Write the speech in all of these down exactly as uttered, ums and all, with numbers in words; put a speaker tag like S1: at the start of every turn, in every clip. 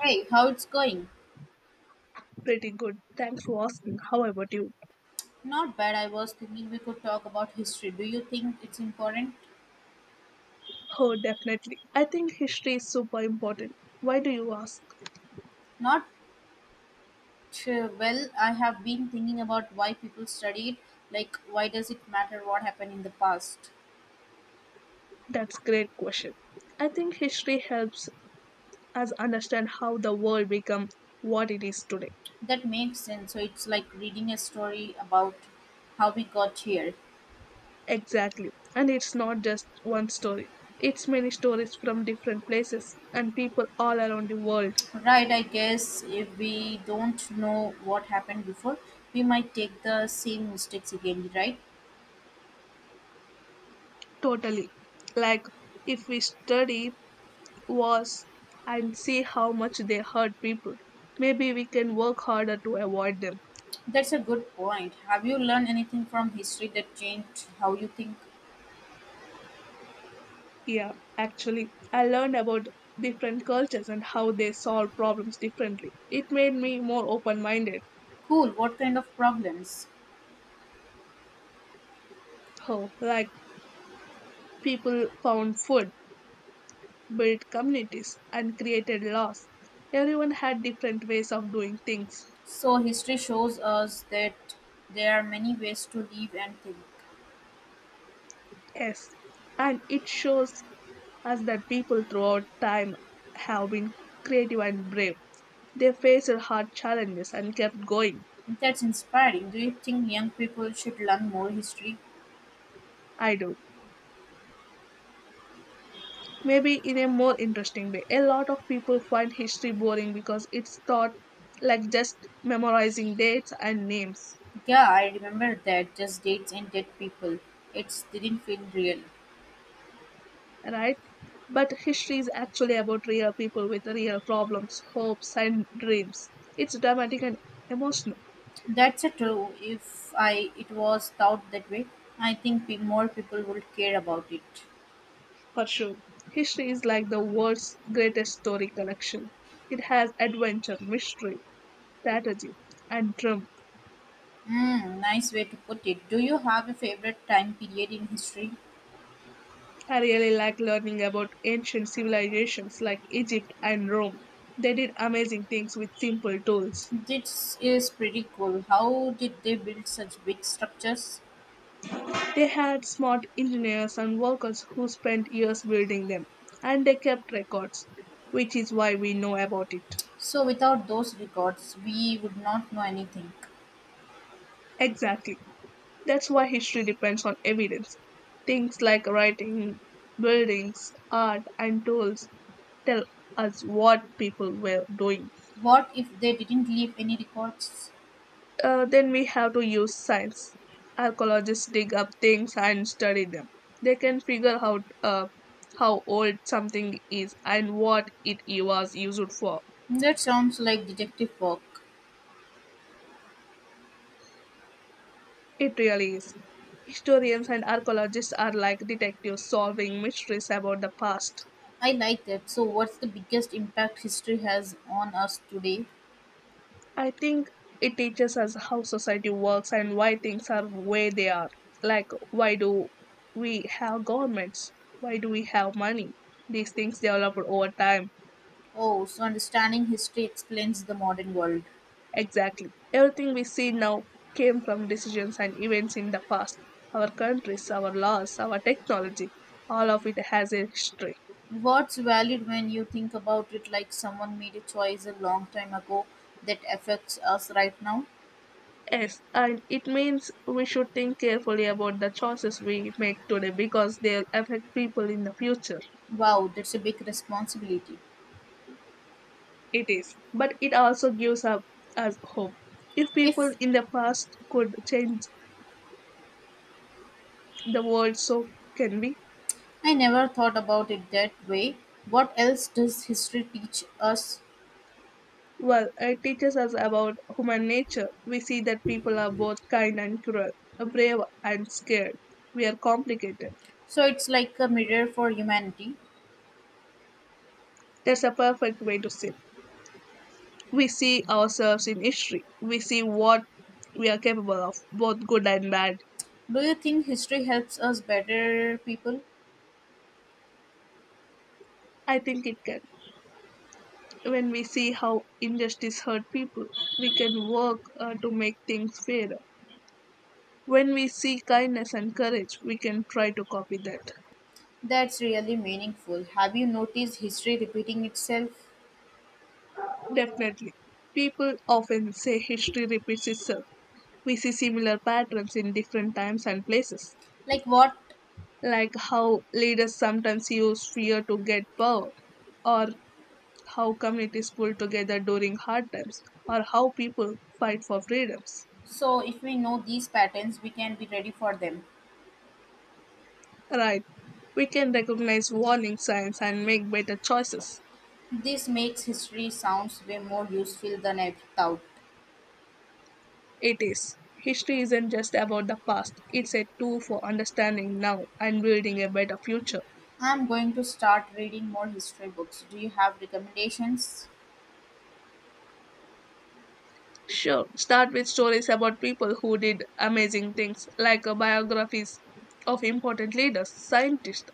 S1: Hey, how it's going?
S2: Pretty good. Thanks for asking. How about you?
S1: Not bad. I was thinking we could talk about history. Do you think it's important?
S2: Oh, definitely. I think history is super important. Why do you ask?
S1: Not uh, well. I have been thinking about why people study it. Like, why does it matter what happened in the past?
S2: That's great question. I think history helps us understand how the world became what it is today.
S1: That makes sense. So it's like reading a story about how we got here.
S2: Exactly. And it's not just one story. It's many stories from different places and people all around the world.
S1: Right, I guess if we don't know what happened before, we might take the same mistakes again, right?
S2: Totally. Like if we study wars and see how much they hurt people, maybe we can work harder to avoid them.
S1: That's a good point. Have you learned anything from history that changed how you think?
S2: Yeah, actually, I learned about different cultures and how they solve problems differently. It made me more open minded.
S1: Cool, what kind of problems?
S2: How, like, people found food, built communities, and created laws. Everyone had different ways of doing things.
S1: So, history shows us that there are many ways to live and think.
S2: Yes, and it shows us that people throughout time have been creative and brave. They faced hard challenges and kept going.
S1: That's inspiring. Do you think young people should learn more history?
S2: I do. Maybe in a more interesting way. A lot of people find history boring because it's taught like just memorizing dates and names,
S1: Yeah, I remember that. Just dates and dead people. It didn't feel real.
S2: right? But history is actually about real people with real problems, hopes, and dreams. It's dramatic and emotional,
S1: That's a true. If I it was thought that way, I think pe- more people would care about it.
S2: for sure. History is like the world's greatest story collection. It has adventure, mystery, strategy, and drama.
S1: Mm, nice way to put it. Do you have a favorite time period in history?
S2: I really like learning about ancient civilizations like Egypt and Rome. They did amazing things with simple tools.
S1: This is pretty cool. How did they build such big structures?
S2: They had smart engineers and workers who spent years building them, and they kept records, which is why we know about it.
S1: So, without those records, we would not know anything.
S2: Exactly. That's why history depends on evidence. Things like writing, buildings, art, and tools tell us what people were doing.
S1: What if they didn't leave any records?
S2: Uh, then we have to use science. Archaeologists dig up things and study them. They can figure out uh, how old something is and what it was used for.
S1: That sounds like detective work.
S2: It really is. Historians and archaeologists are like detectives solving mysteries about the past.
S1: I like that. So, what's the biggest impact history has on us today?
S2: I think it teaches us how society works and why things are where they are. Like, why do we have governments? Why do we have money? These things developed over time.
S1: Oh, so understanding history explains the modern world.
S2: Exactly. Everything we see now came from decisions and events in the past. Our countries, our laws, our technology, all of it has a history.
S1: What's valid when you think about it like someone made a choice a long time ago that affects us right now?
S2: Yes, and it means we should think carefully about the choices we make today because they'll affect people in the future.
S1: Wow, that's a big responsibility.
S2: It is. But it also gives up us hope. If people
S1: If
S2: in the past could change the world, so can we.
S1: I never thought about it that way, what else does history teach us?
S2: Well, it teaches us about human nature. We see that people are both kind and cruel, brave and scared. We are complicated.
S1: So it's like a mirror for humanity.
S2: That's a perfect way to see. We see ourselves in history. We see what we are capable of, both good and bad.
S1: Do you think history helps us better people?
S2: I think it can. When we see how injustice hurt people, we can work uh, to make things fairer. When we see kindness and courage, we can try to copy that.
S1: That's really meaningful. Have you noticed history repeating itself?
S2: Definitely. People often say history repeats itself, we see similar patterns in different times and places,
S1: Like what?
S2: like how leaders sometimes use fear to get power, or how communities pull together during hard times, or how people fight for freedoms.
S1: So if we know these patterns, we can be ready for them.
S2: Right. We can recognize warning signs and make better choices.
S1: This makes history sounds way more useful than I thought.
S2: It is. History isn't just about the past, it's a tool for understanding now and building a better future.
S1: I'm going to start reading more history books. Do you have recommendations?
S2: Sure. Start with stories about people who did amazing things, like uh, biographies of important leaders, scientists,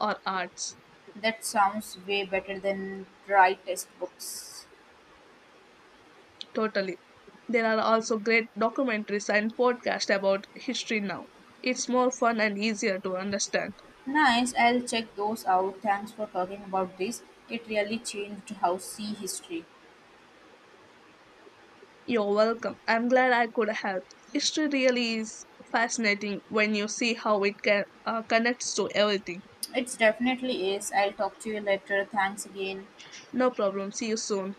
S2: or arts.
S1: That sounds way better than dry textbooks.
S2: Totally. There are also great documentaries and podcasts about history now. It's more fun and easier to understand.
S1: Nice, I'll check those out. Thanks for talking about this. It really changed how see history.
S2: You're welcome. I'm glad I could help. History really is fascinating when you see how it can, uh, connects to everything.
S1: It definitely is. I'll talk to you later. Thanks again.
S2: No problem. See you soon.